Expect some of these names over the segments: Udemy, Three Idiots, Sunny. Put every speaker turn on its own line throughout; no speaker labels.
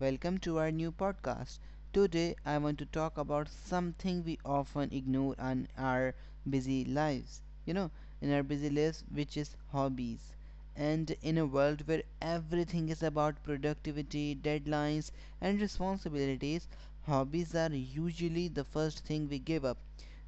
welcome to our new podcast. Today I want to talk about something we often ignore in our busy lives. Which is hobbies. And in a world where everything is about productivity, deadlines, and responsibilities, hobbies are usually the first thing we give up.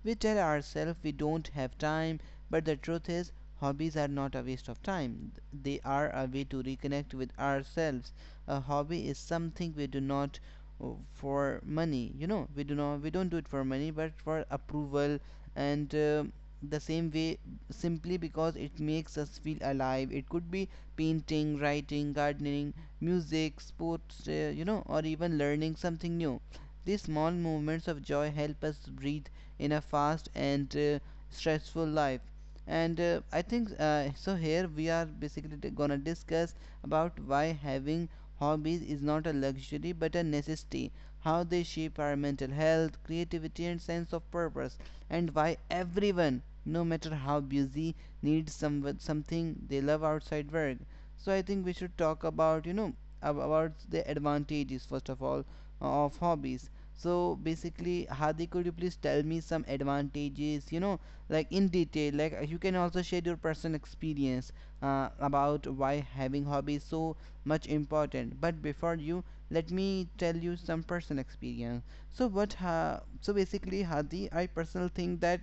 We tell ourselves we don't have time, but the truth is, hobbies are not a waste of time. They are a way to reconnect with ourselves. A hobby is something we do not, uh, for money, we don't do it for money but for approval and, the same way, simply because it makes us feel alive. It could be painting, writing, gardening, music, sports, or even learning something new. These small moments of joy help us breathe in a fast and, stressful life. And uh, i think uh, so here we are, basically gonna discuss about why having hobbies is not a luxury but a necessity. How they shape our mental health, creativity, and sense of purpose, and why everyone, no matter how busy, needs something they love outside work. So I think we should talk about, about the advantages first of all, of hobbies. So basically, Hadi, could you please tell me some advantages? You know, like in detail. Like, you can also share your personal experience, about why having hobbies so much important. But before you, let me tell you some personal experience. So what ha so basically, Hadi, I personally think that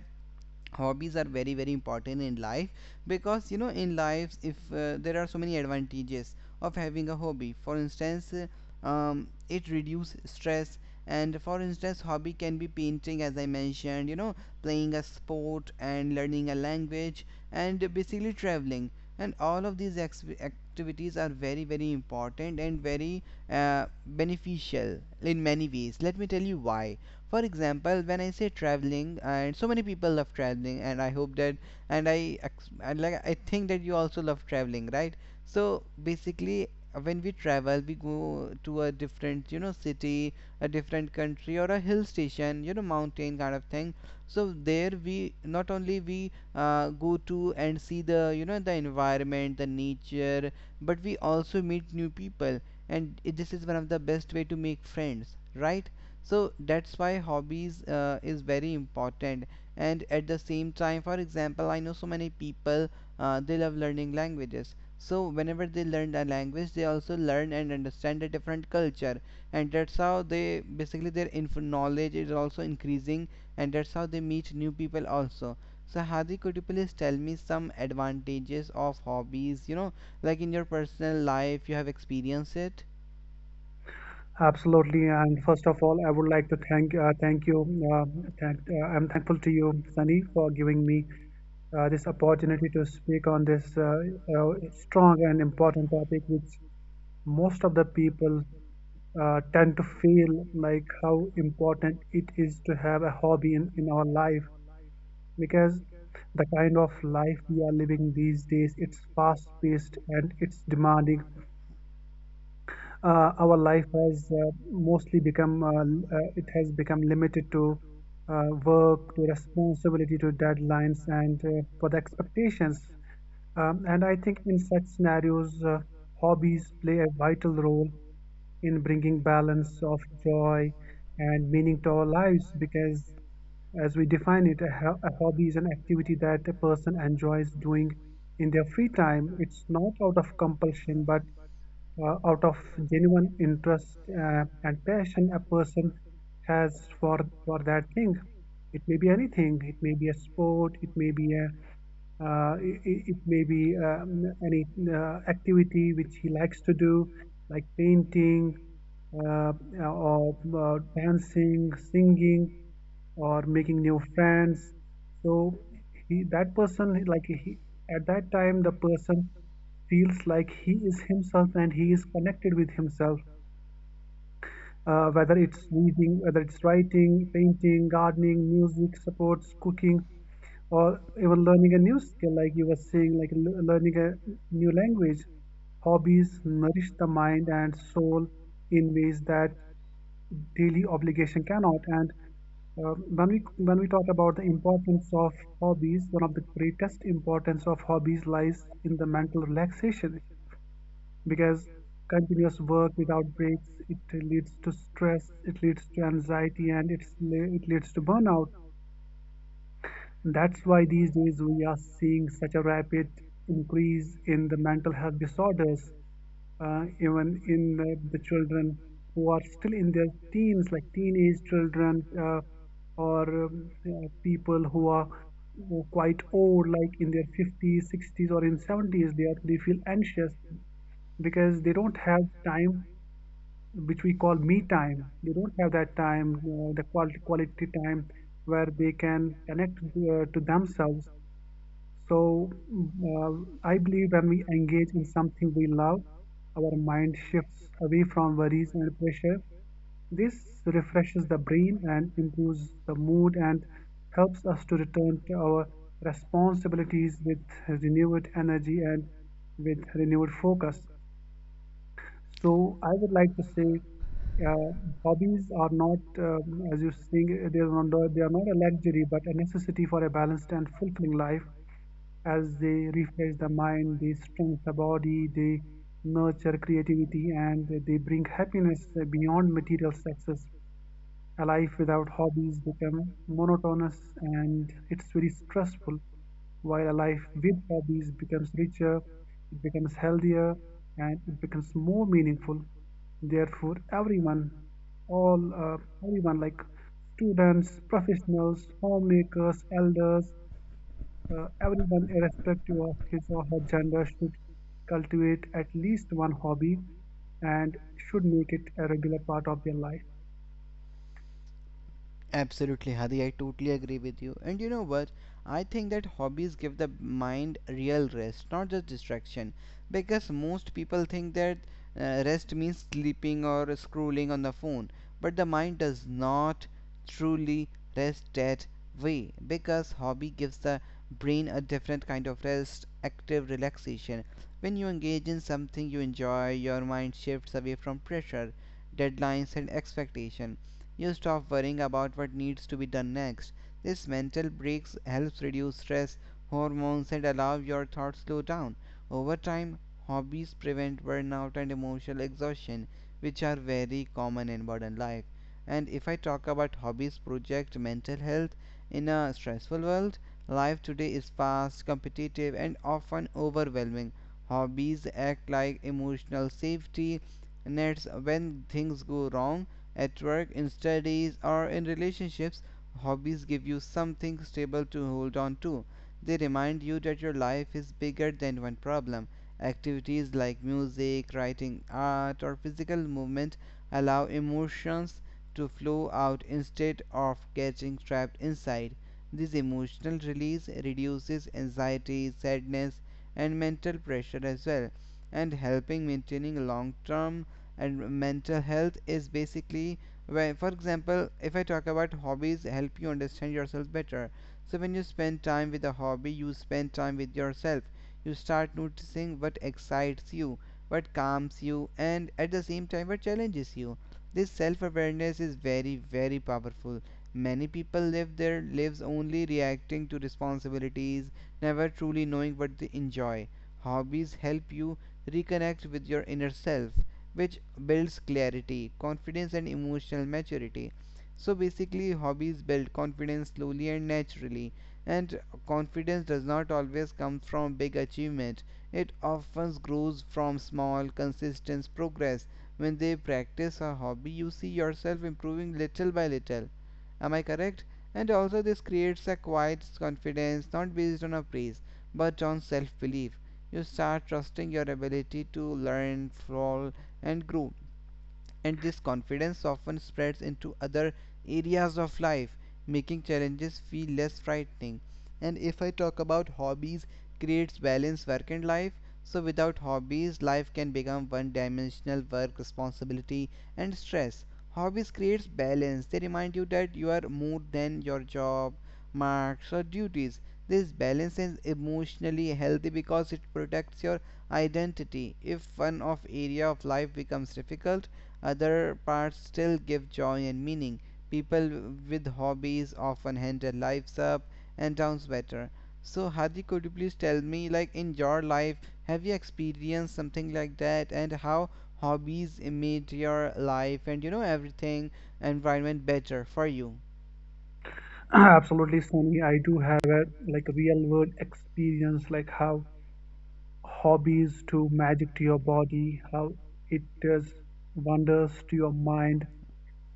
hobbies are very, very important in life because, you know, in lives, if, there are so many advantages of having a hobby. For instance, it reduces stress. And for instance, hobby can be painting, as I mentioned, you know, playing a sport and learning a language, and basically traveling. And all of these activities are very, very important and very, beneficial in many ways. Let me tell you why. For example, when I say traveling, and so many people love traveling, and I hope that, and I ex- and like I think that you also love traveling, right? So basically, when we travel, we go to a different, you know, city, a different country, or a hill station, you know, mountain kind of thing. So there, we not only we go to and see the, you know, the environment, the nature, but we also meet new people. And this is one of the best way to make friends, right? So that's why hobbies, is very important. And at the same time, for example, I know so many people, they love learning languages. So whenever they learn a language, they also learn and understand a different culture. And that's how they basically their info knowledge is also increasing. And that's how they meet new people also. So Hadi, could you please tell me some advantages of hobbies, you know, like in your personal life you have experienced it.
Absolutely, and first of all, I would like to thank you. Uh, I'm thankful to you, Sunny, for giving me this opportunity to speak on this strong and important topic, which most of the people tend to feel like how important it is to have a hobby in our life, because the kind of life we are living these days, it's fast paced and it's demanding. Our life has mostly become, it has become limited to work, to responsibility, to deadlines, and for the expectations. And I think in such scenarios, hobbies play a vital role in bringing balance of joy and meaning to our lives, because as we define it, a hobby is an activity that a person enjoys doing in their free time. It's not out of compulsion, but out of genuine interest and passion a person has for that thing. It may be anything, it may be a sport, it may be uh, i- any activity which he likes to do, like painting, uh, or dancing, singing, or making new friends. So he, that person, like he, at that time, the person feels like he is himself and he is connected with himself. Whether it's reading, whether it's writing, painting, gardening, music, sports, cooking, or even learning a new skill, like you were saying, like learning a new language. Hobbies nourish the mind and soul in ways that daily obligation cannot. And when we talk about the importance of hobbies, one of the greatest importance of hobbies lies in the mental relaxation, because continuous work without breaks, it leads to stress, it leads to anxiety, and it leads to burnout. That's why these days we are seeing such a rapid increase in the mental health disorders, even in the children who are still in their teens, like teenage children, or people who are quite old, like in their 50s, 60s, or in 70s. They feel anxious because they don't have time, which we call me time. They don't have that time, the quality time where they can connect to themselves. So uh, I believe when we engage in something we love, our mind shifts away from worries and pressure. This refreshes the brain and improves the mood and helps us to return to our responsibilities with renewed energy and with renewed focus. So I would like to say, uh, hobbies are not, as you saying, they are not a luxury, but a necessity for a balanced and fulfilling life. As they refresh the mind, they strengthen the body, they nurture creativity, and they bring happiness beyond material success. A life without hobbies becomes monotonous and it's very stressful, while a life with hobbies becomes richer, it becomes healthier, and it becomes more meaningful. Therefore, everyone, all everyone, like students, professionals, homemakers, elders, everyone, irrespective of his or her gender, should cultivate at least one hobby and should make it a regular part of their life.
Absolutely, Hadi. I totally agree with you. And you know what? I think that hobbies give the mind real rest, not just distraction. Because most people think that, rest means sleeping or scrolling on the phone, but the mind does not truly rest that way. Because hobby gives the brain a different kind of rest, active relaxation. When you engage in something you enjoy, your mind shifts away from pressure, deadlines, and expectation. You stop worrying about what needs to be done next. This mental breaks helps reduce stress hormones and allow your thoughts slow down. Over time, hobbies prevent burnout and emotional exhaustion, which are very common in modern life. And if I talk about hobbies project mental health, in a stressful world, life today is fast, competitive, and often overwhelming. Hobbies act like emotional safety nets. When things go wrong at work, in studies, or in relationships, hobbies give you something stable to hold on to. They remind you that your life is bigger than one problem. Activities like music, writing, art, or physical movement allow emotions to flow out instead of getting trapped inside. This emotional release reduces anxiety, sadness, and mental pressure as well, and helping maintaining long term and mental health is basically where, for example, if I talk about hobbies, help you understand yourself better. So when you spend time with a hobby, you spend time with yourself. You start noticing what excites you, what calms you, and at the same time what challenges you. This self awareness is very, very powerful. Many people live their lives only reacting to responsibilities, never truly knowing what they enjoy. Hobbies help you reconnect with your inner self, which builds clarity, confidence, and emotional maturity. So basically, hobbies build confidence slowly and naturally, and confidence does not always come from big achievement. It often grows from small, consistent progress. When they practice a hobby, you see yourself improving little by little. Am I correct? And also, this creates a quiet confidence not based on a praise but on self belief. You start trusting your ability to learn, fall, and grow. And this confidence often spreads into other areas of life, making challenges feel less frightening. And if I talk about hobbies creates balance work and life, so without hobbies, life can become one dimensional, work, responsibility, and stress. Hobbies creates balance. They remind you that you are more than your job, marks, or duties. This balance is emotionally healthy because it protects your identity. If one of area of life becomes difficult, other parts still give joy and meaning. People with hobbies often handle lives up and sounds better. So Hadi, could you please tell me, like in your life, have you experienced something like that, and how hobbies made your life and, you know, everything environment better for you?
Absolutely, Sunny. I do have a, like, real world experience, like how hobbies do magic to your body, how it does wonders to your mind,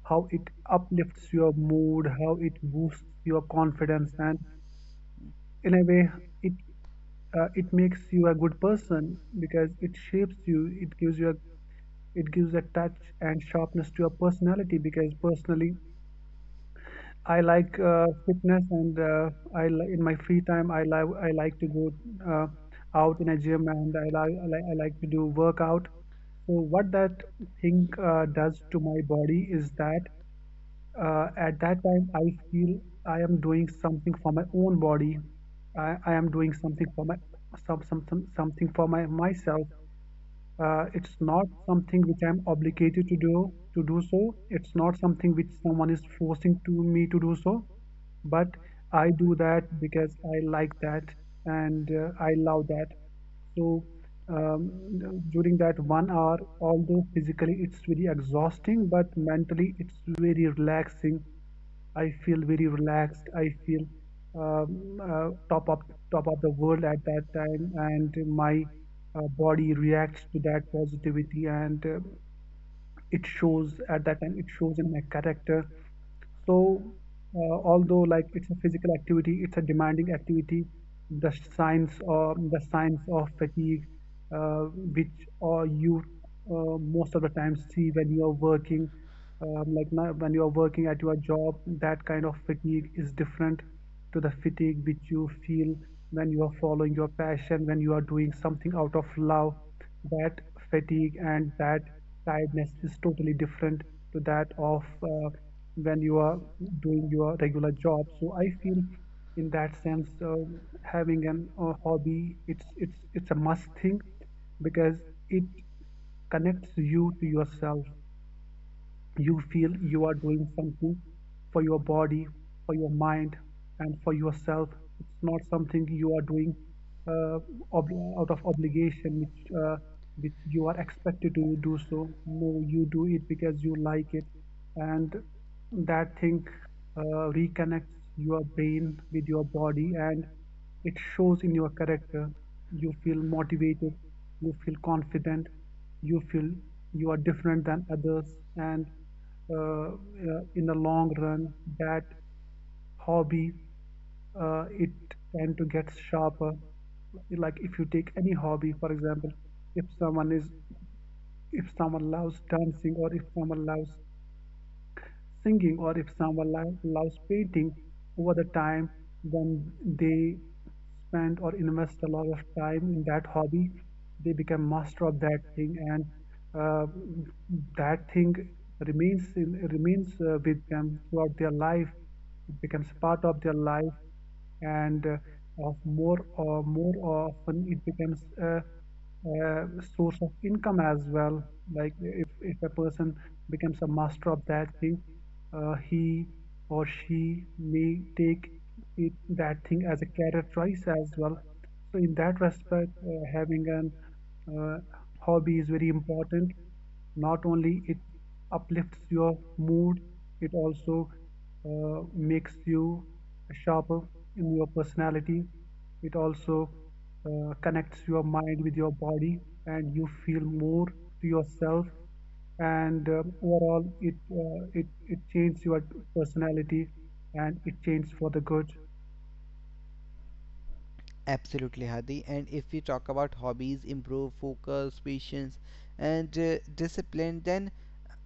how it uplifts your mood, how it boosts your confidence, and in a way, it it makes you a good person because it shapes you, it gives you, a it gives a touch and sharpness to your personality. Because personally, I like fitness and in my free time, I like to go uh, out in a gym, and I like to do workout. So what that thing does to my body is that at that time I feel I am doing something for my own body. I am doing something for my something for my myself. It's not something which I'm obligated to do so. It's not something which someone is forcing to me to do so. But I do that because I like that, and I love that. So during that 1 hour, although physically it's very exhausting, but mentally it's very relaxing. I feel very relaxed. I feel um, uh, top up top of the world at that time, and my body reacts to that positivity, and it shows at that time, it shows in my character. So, although, like, it's a physical activity, it's a demanding activity. The signs of fatigue, uh, which, or you most of the time see when you are working, like now, when you are working at your job, that kind of fatigue is different to the fatigue which you feel when you are following your passion, when you are doing something out of love. That fatigue and that tiredness is totally different to that of when you are doing your regular job. So I feel in that sense, having an a hobby, it's a must thing, because it connects you to yourself, you feel you are doing something for your body, for your mind, and for yourself. It's not something you are doing uh, ob- out of obligation, which you are expected to do so. No, you do it because you like it. And that thing reconnects your brain with your body, and it shows in your character, you feel motivated, you feel confident, you feel you are different than others. And in the long run, that hobby, it tend to get sharper, like if you take any hobby, for example, if someone is if someone loves dancing, or if someone loves singing, or if someone loves painting, over the time when they spend or invest a lot of time in that hobby, they become master of that thing, and uh, that thing remains remains with them throughout their life. It becomes part of their life, and of more or more often it becomes a source of income as well. Like if a person becomes a master of that thing, he or she may take it that thing as a career choice as well. So in that respect, having an uh, hobby is very important. Not only it uplifts your mood, it also makes you sharper in your personality, it also connects your mind with your body, and you feel more to yourself. And overall it changed your personality, and it changed for the good.
Absolutely, Hadi. And if we talk about hobbies, improve focus, patience, and, discipline, then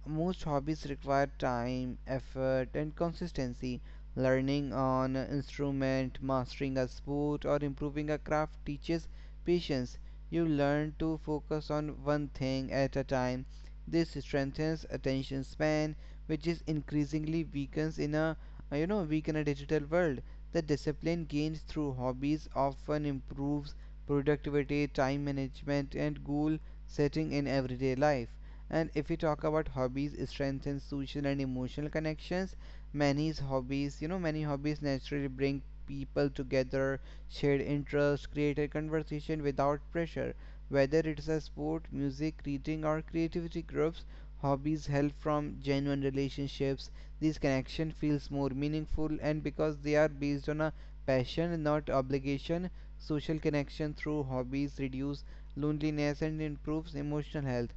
most hobbies require time, effort, and consistency. Learning on an instrument, mastering a sport, or improving a craft teaches patience. You learn to focus on one thing at a time. This strengthens attention span, which is increasingly weakens in a, weak in a digital world. The discipline gained through hobbies often improves productivity, time management, and goal setting in everyday life. And if we talk about hobbies, it strengthens social and emotional connections. Many hobbies, you know, many hobbies naturally bring people together, shared interests, create a conversation without pressure whether it's a sport, music, reading, or creativity groups. Hobbies help from genuine relationships. These connection feels more meaningful, and because they are based on a passion, not obligation, social connection through hobbies reduce loneliness and improves emotional health.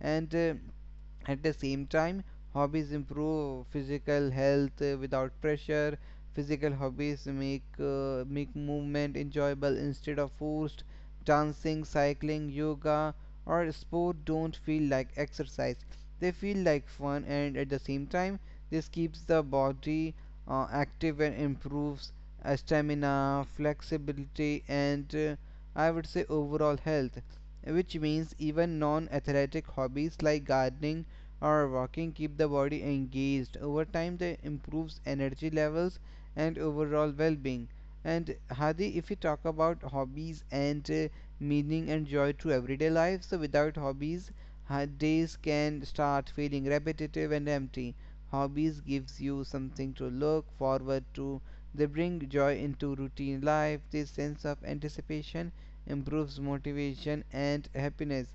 And, at the same time, hobbies improve physical health, without pressure. Physical hobbies make, make movement enjoyable instead of forced. Dancing, cycling, yoga, or sport don't feel like exercise. They feel like fun, and at the same time, this keeps the body, active and improves, stamina, flexibility, and, I would say overall health. Which means even non athletic hobbies like gardening or walking keep the body engaged. Over time, they improves energy levels and overall well being. And Hadi, if we talk about hobbies and, meaning and joy to everyday life, so without hobbies, days can start feeling repetitive and empty. Hobbies gives you something to look forward to. They bring joy into routine life. This sense of anticipation improves motivation and happiness.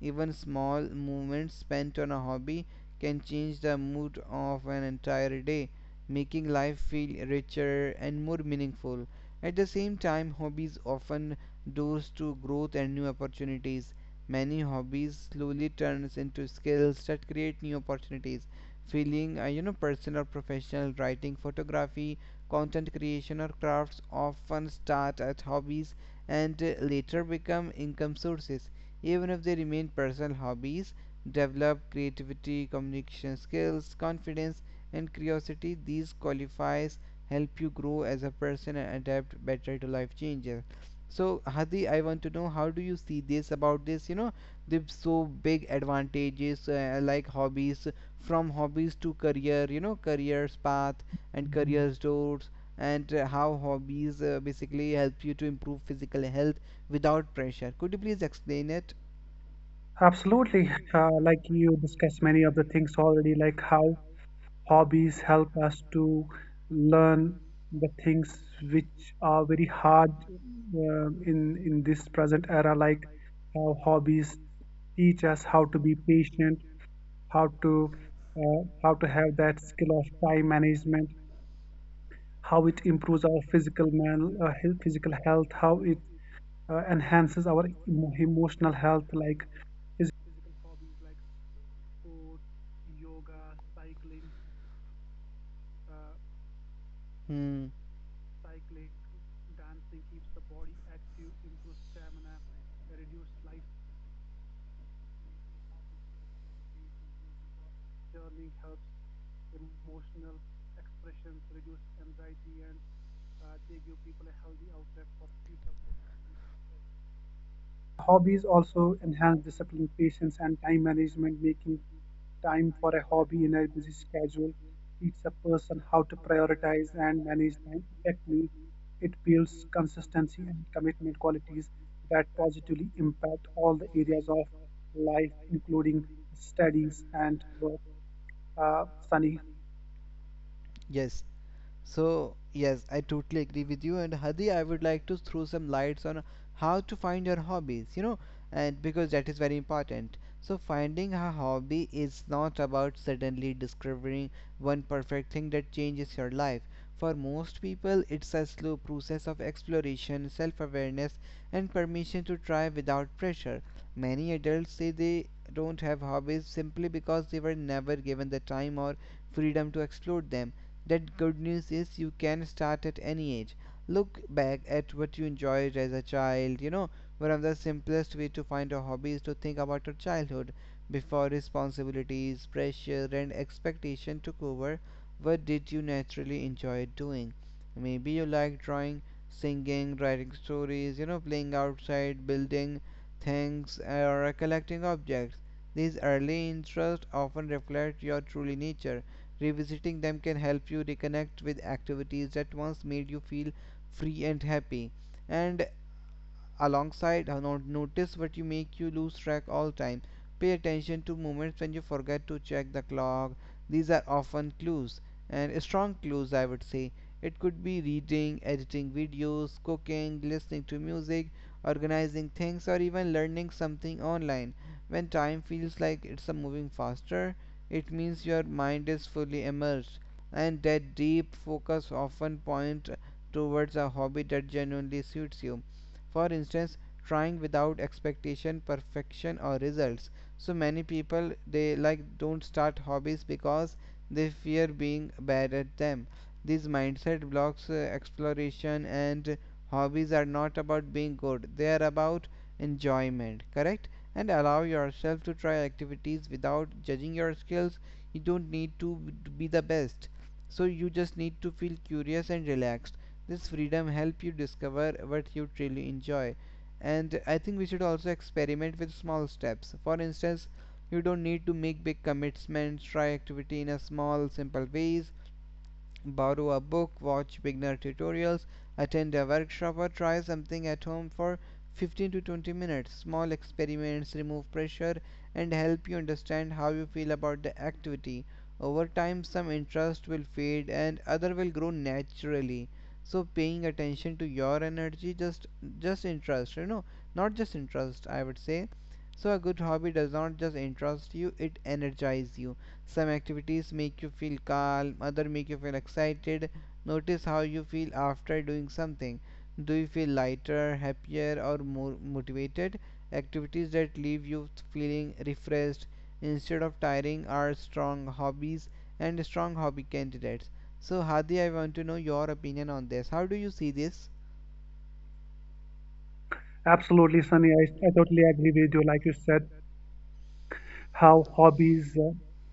Even small moments spent on a hobby can change the mood of an entire day, making life feel richer and more meaningful. At the same time, hobbies often doors to growth and new opportunities. Many hobbies slowly turns into skills that create new opportunities. Feeling, you know, personal, professional, writing, photography, content creation, or crafts often start as hobbies and, later become income sources. Even if they remain personal hobbies, develop creativity, communication skills, confidence, and curiosity. These qualifiers help you grow as a person and adapt better to life changes. So, Hadi, I want to know how do you see this about this? You know, the so big advantages, like hobbies, from hobbies to career, you know, careers path and
Mhm.
careers doors, and, how hobbies, basically help you to improve physical health without pressure. Could you please explain it?
Absolutely. Like you discussed many of the things already, like how hobbies help us to learn the things which are very hard in this present era, like how hobbies teach us how to be patient, how to how to have that skill of time management, how it improves our physical health, how it enhances our emotional health, like
Hmm.
hobbies also enhance discipline, patience, and time management. Making time for a hobby in a busy schedule teaches a person how to prioritize and manage time effectively. It builds consistency and commitment qualities that positively impact all the areas of life, including studies and work. Sunny,
Yes. So, yes, I totally agree with you. And Hadi, I would like to throw some lights on how to find your hobbies, you know, and because that is very important. So, finding a hobby is not about suddenly discovering one perfect thing that changes your life. For most people, it's a slow process of exploration, self awareness, and permission to try without pressure. Many adults say they don't have hobbies simply because they were never given the time or freedom to explore them. That good news is you can start at any age. Look back at what you enjoyed as a child. You know, one of the simplest way to find a hobby is to think about your childhood before responsibilities, pressure, and expectation took over. What did you naturally enjoy doing? Maybe you like drawing, singing, writing stories, playing outside, building things, or collecting objects. These early interests often reflect your truly nature. Revisiting them can help you reconnect with activities that once made you feel free and happy. And alongside, not notice what you make you lose track all time, pay attention to moments when you forget to check the clock. These are often clues, and strong clues I would say. It could be reading, editing videos, cooking, listening to music, organizing things, or even learning something online. When time feels like it's a moving faster, it means your mind is fully immersed, and that deep focus often points towards a hobby that genuinely suits you. For instance, trying without expectation, perfection, or results. So many people, they like, don't start hobbies because they fear being bad at them. These mindset blocks exploration, and hobbies are not about being good, they are about enjoyment. Correct, and allow yourself to try activities without judging your skills. You don't need to be the best. So you just need to feel curious and relaxed. This freedom help you discover what you truly enjoy. And I think we should also experiment with small steps. For instance, you don't need to make big commitments, try activity in a small, simple ways. Borrow a book, watch beginner tutorials, attend a workshop, or try something at home for 15 to 20 minutes. Small experiments remove pressure and help you understand how you feel about the activity. Over time, some interest will fade and other will grow naturally. So paying attention to your energy, just interest, not just interest, I would say. So a good hobby does not just interest you, it energizes you. Some activities make you feel calm, other make you feel excited. Notice how you feel after doing something. Do you feel lighter, happier, or more motivated? Activities that leave you feeling refreshed instead of tiring are strong hobbies and strong hobby candidates. So, Hadi, I want to know your opinion on this. How do you see this?
absolutely, Sunny. I totally agree with you. Like you said, how hobbies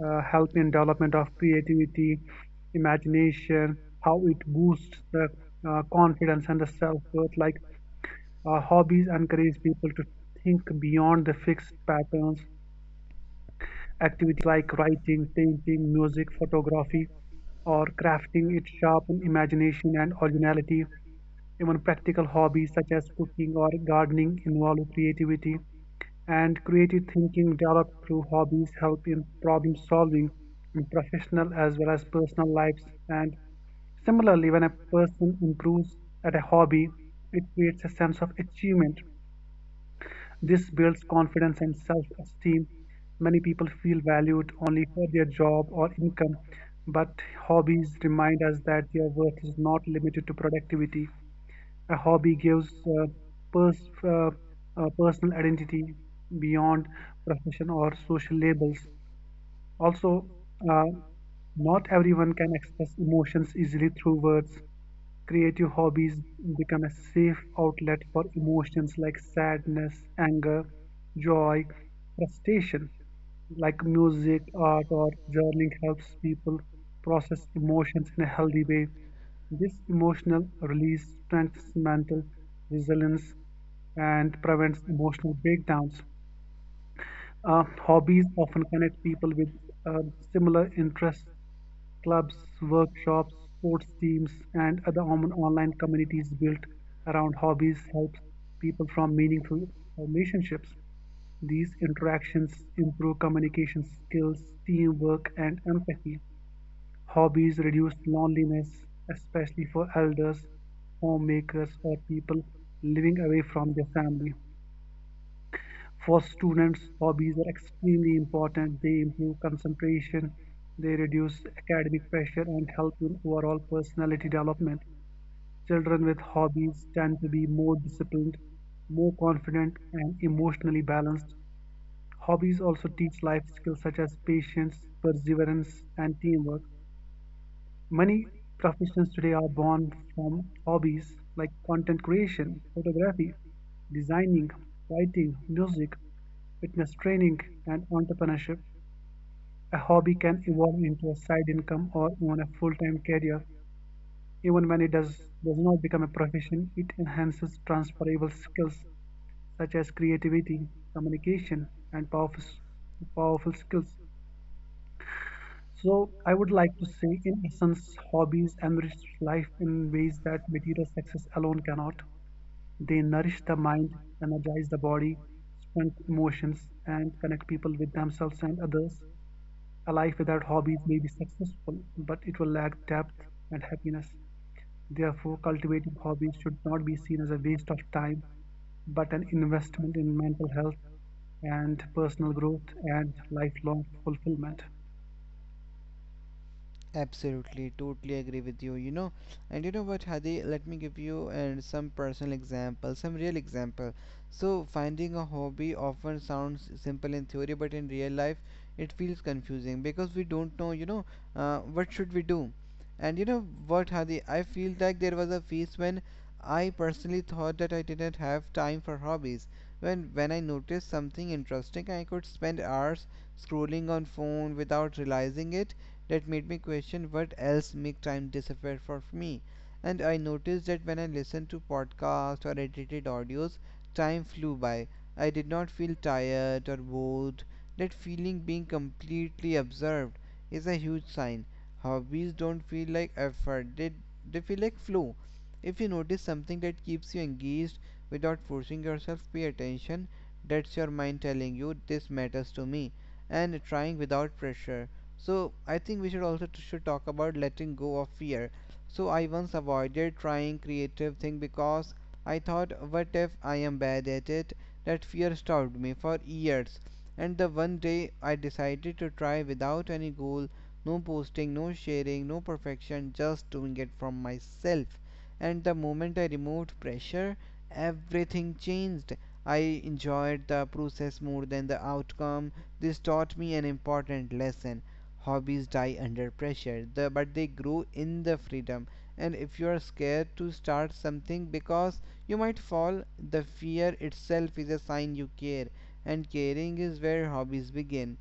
help in development of creativity, imagination, how it boosts the confidence and the self-worth. Like hobbies encourage people to think beyond the fixed patterns. Activities like writing, painting, music, photography, or crafting, it sharpen imagination and originality. Even practical hobbies such as cooking or gardening involve creativity, and creative thinking developed through hobbies help in problem solving in professional as well as personal lives. And similarly, when a person improves at a hobby, it creates a sense of achievement. This builds confidence and self esteem. Many people feel valued only for their job or income, but hobbies remind us that their worth is not limited to productivity. A hobby gives pers- uh, personal identity beyond profession or social labels. Also, uh, not everyone can express emotions easily through words. Creative hobbies become a safe outlet for emotions like sadness, anger, joy, frustration. Like music, art, or journaling helps people process emotions in a healthy way. This emotional release strengthens mental resilience and prevents emotional breakdowns. Hobbies often connect people with uh, similar interests. Clubs, workshops, sports teams, and other online communities built around hobbies help people form meaningful relationships. These interactions improve communication skills, teamwork, and empathy. Hobbies reduce loneliness, especially for elders, homemakers, or people living away from their family. For students, hobbies are extremely important. They improve concentration, they reduce academic pressure, and help in overall personality development. Children with hobbies tend to be more disciplined, more confident, and emotionally balanced. Hobbies also teach life skills such as patience, perseverance, and teamwork. Many professions today are born from hobbies like content creation, photography, designing, writing, music, fitness training, and entrepreneurship. A hobby can evolve into a side income or even a full-time career. Even when it does not become a profession, it enhances transferable skills such as creativity, communication, and powerful, powerful skills. So I would like to say, in essence, hobbies enrich life in ways that material success alone cannot. They nourish the mind, energize the body, strengthen emotions, and connect people with themselves and others. A life without hobbies may be successful, but it will lack depth and happiness. Therefore, cultivating hobbies should not be seen as a waste of time, but an investment in mental health and personal growth and lifelong fulfillment.
Absolutely, totally agree with you. You know, and you know what, Hadi? Let me give you and some personal example, some real example. So, finding a hobby often sounds simple in theory, but in real life, it feels confusing because we don't know, what should we do. And you know what, Hadi? I feel like there was a phase when I personally thought that I didn't have time for hobbies. When I noticed something interesting, I could spend hours scrolling on phone without realizing it. That made me question what else make time disappear for me. And I noticed that when I listened to podcasts or edited audios, time flew by. I did not feel tired or bored. That feeling being completely observed is a huge sign. Hobbies don't feel like effort, they feel like flow. If you notice something that keeps you engaged without forcing yourself, pay attention. That's your mind telling you this matters to me, and trying without pressure. So I think we should also should talk about letting go of fear. So I once avoided trying creative thing because I thought, what if I am bad at it? That fear stopped me for years, and the one day I decided to try without any goal, no posting, no sharing, no perfection, just doing it from myself. And the moment I removed pressure, everything changed. I enjoyed the process more than the outcome. This taught me an important lesson: hobbies die under pressure, but they grow in the freedom. And if you are scared to start something because you might fall, the fear itself is a sign you care. And caring is where hobbies begin.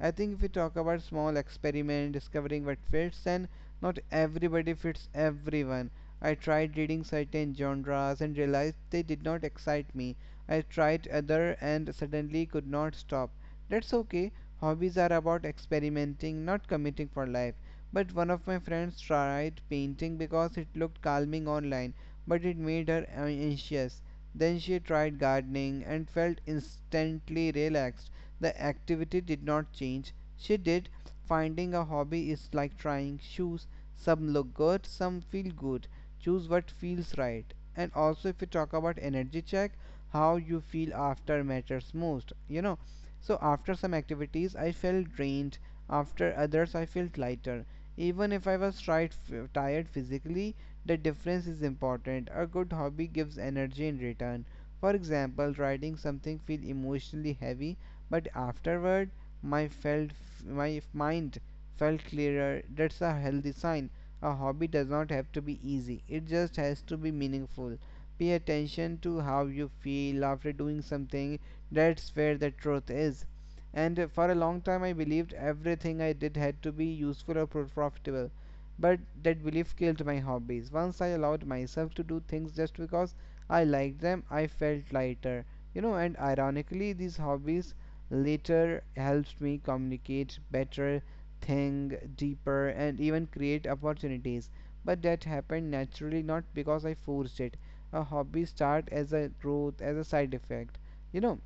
I think if we talk about small experiment discovering what fits, and not everybody fits everyone. I tried reading certain genres and realized they did not excite me. I tried other and suddenly could not stop. That's okay. Hobbies are about experimenting, not committing for life. But one of my friends tried painting because it looked calming online, but it made her anxious. Then she tried gardening and felt instantly relaxed. The activity did not change. She did. Finding a hobby is like trying shoes. Some look good, some feel good. Choose what feels right. And also, if we talk about energy check, how you feel after matters most. You know, so after some activities, I felt drained. After others, I felt lighter. Even if I was tried, tired physically, the difference is important. A good hobby gives energy in return. For example, riding something feel emotionally heavy, but afterward, my felt my mind felt clearer. That's a healthy sign. A hobby does not have to be easy. It just has to be meaningful. Pay attention to how you feel after doing something. That's where the truth is. And for a long time, I believed everything I did had to be useful or profitable. But that belief killed my hobbies. Once I allowed myself to do things just because I liked them, I felt lighter. And ironically, these hobbies later helped me communicate better, think deeper, and even create opportunities. But that happened naturally, not because I forced it. A hobby start as a growth, as a side effect. You know,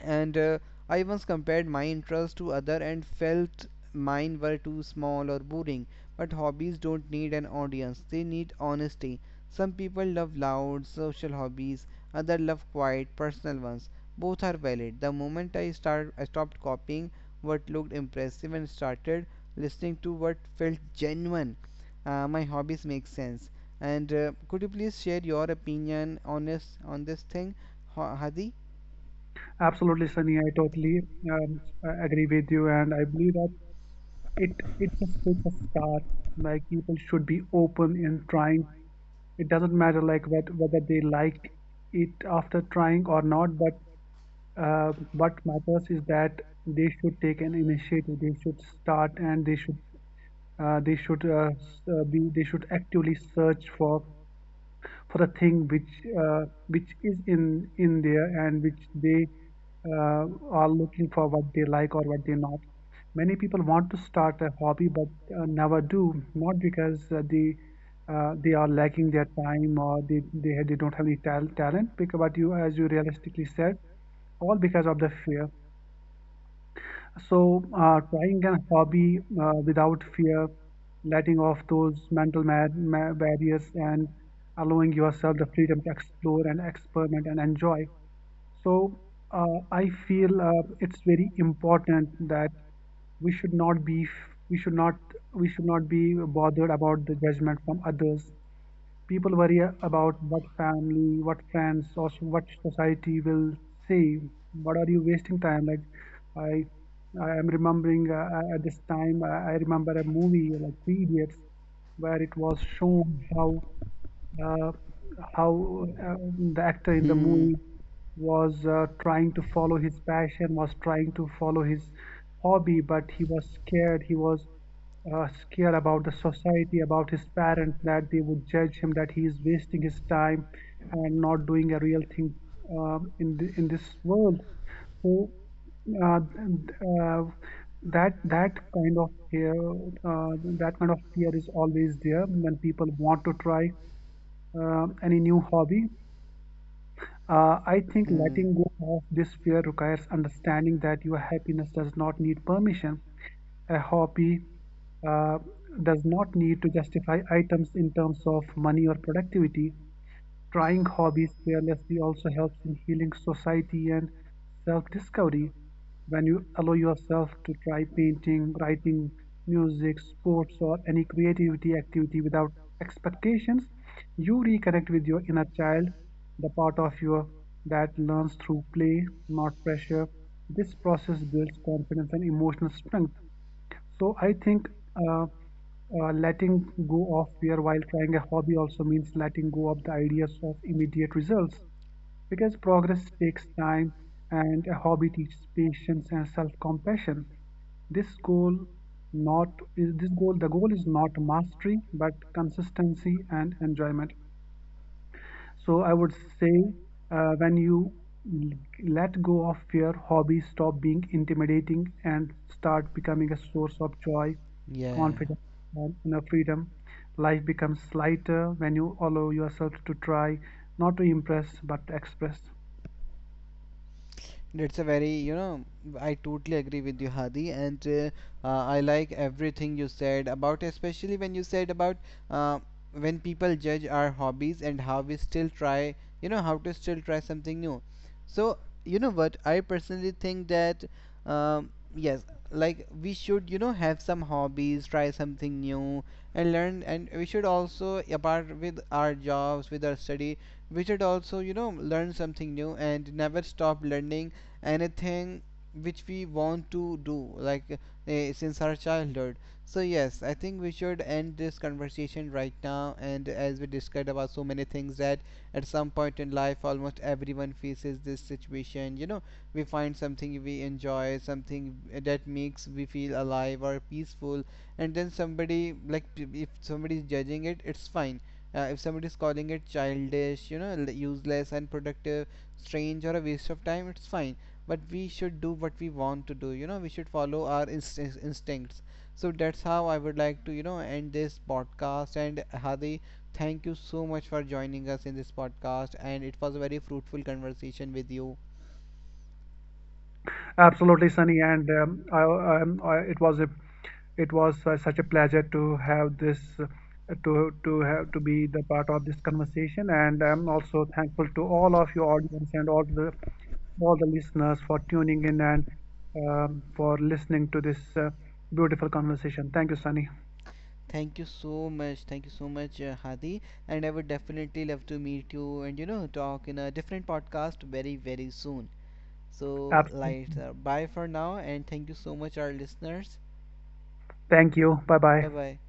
and I once compared my interests to other and felt mine were too small or boring. But hobbies don't need an audience; they need honesty. Some people love loud social hobbies, others love quiet personal ones. Both are valid. The moment I start, I stopped copying what looked impressive and started listening to what felt genuine. My hobbies make sense. And could you please share your opinion on this thing, Hadi?
Absolutely, Sunny. I totally agree with you, and I believe that it it just takes a start. Like, people should be open in trying. It doesn't matter, like, whether they like it after trying or not. But what matters is that they should take an initiative. They should start, and be they should actively search for a thing which is in there and which they uh, are looking for, what they like or what they not. Many people want to start a hobby but never do, not because they are lacking their time or they don't have any talent. Because, what you, as you realistically said, all because of the fear. So, trying a hobby without fear, letting off those mental mad, ma barriers, and allowing yourself the freedom to explore and experiment and enjoy. So, I feel it's very important that we should not be we should not we should not be bothered about the judgment from others. People worry about what family, what friends, or what society will say. What, are you wasting time? Like, I, I am remembering at this time, I remember a movie like Three Idiots, where it was shown how uh, how uh, the actor in the movie was trying to follow his passion, was trying to follow his hobby, but he was scared. He was scared about the society, about his parents, that they would judge him, that he is wasting his time and not doing a real thing in in this world. So uh, and, uh, that kind of fear, that kind of fear is always there when people want to try any new hobby. I think letting go of this fear requires understanding that your happiness does not need permission. A hobby uh, does not need to justify items in terms of money or productivity. Trying hobbies fearlessly also helps in healing society and self discovery. When you allow yourself to try painting, writing, music, sports, or any creativity activity without expectations, you reconnect with your inner child, the part of you that learns through play, not pressure. This process builds confidence and emotional strength. So I think uh, letting go of fear while trying a hobby also means letting go of the ideas of immediate results, because progress takes time and a hobby teaches patience and self-compassion. This goal not is this goal the goal is not mastery, but consistency and enjoyment. So I would say, when you l- let go of fear, hobbies stop being intimidating and start becoming a source of joy,
Yeah,
confidence, and inner freedom. Life becomes lighter when you allow yourself to try, not to impress, but to express.
it's a very, I totally agree with you, Hadi, and I like everything you said about, especially when you said about uh, when people judge our hobbies and how we still try, how to still try something new. So, you know what, I personally think that, um, yes, like we should, have some hobbies, try something new, and learn, and we should also, apart with our jobs, with our study, we should also learn something new and never stop learning anything which we want to do, like since our childhood. So yes, I think we should end this conversation right now. And as we discussed about so many things that at some point in life, almost everyone faces this situation. You know, we find something we enjoy, something that makes we feel alive or peaceful. And then somebody, like, if somebody is judging it, it's fine. If somebody is calling it childish, useless, unproductive, strange, or a waste of time, it's fine. But we should do what we want to do. We should follow our instincts. So that's how I would like to end this podcast. And Hadi, thank you so much for joining us in this podcast, and it was a very fruitful conversation with you.
Absolutely, Sunny, and I, it was a, it was such a pleasure to have this, to be the part of this conversation, and I'm also thankful to all of your audience and all the listeners for tuning in and for listening to this beautiful conversation. Thank you, Sunny.
Thank you so much. Thank you so much, Hadi. And I would definitely love to meet you, and talk in a different podcast very, very soon. So, like,
Absolutely.
bye for now. And thank you so much our listeners.
Thank you. Bye bye.
Bye bye.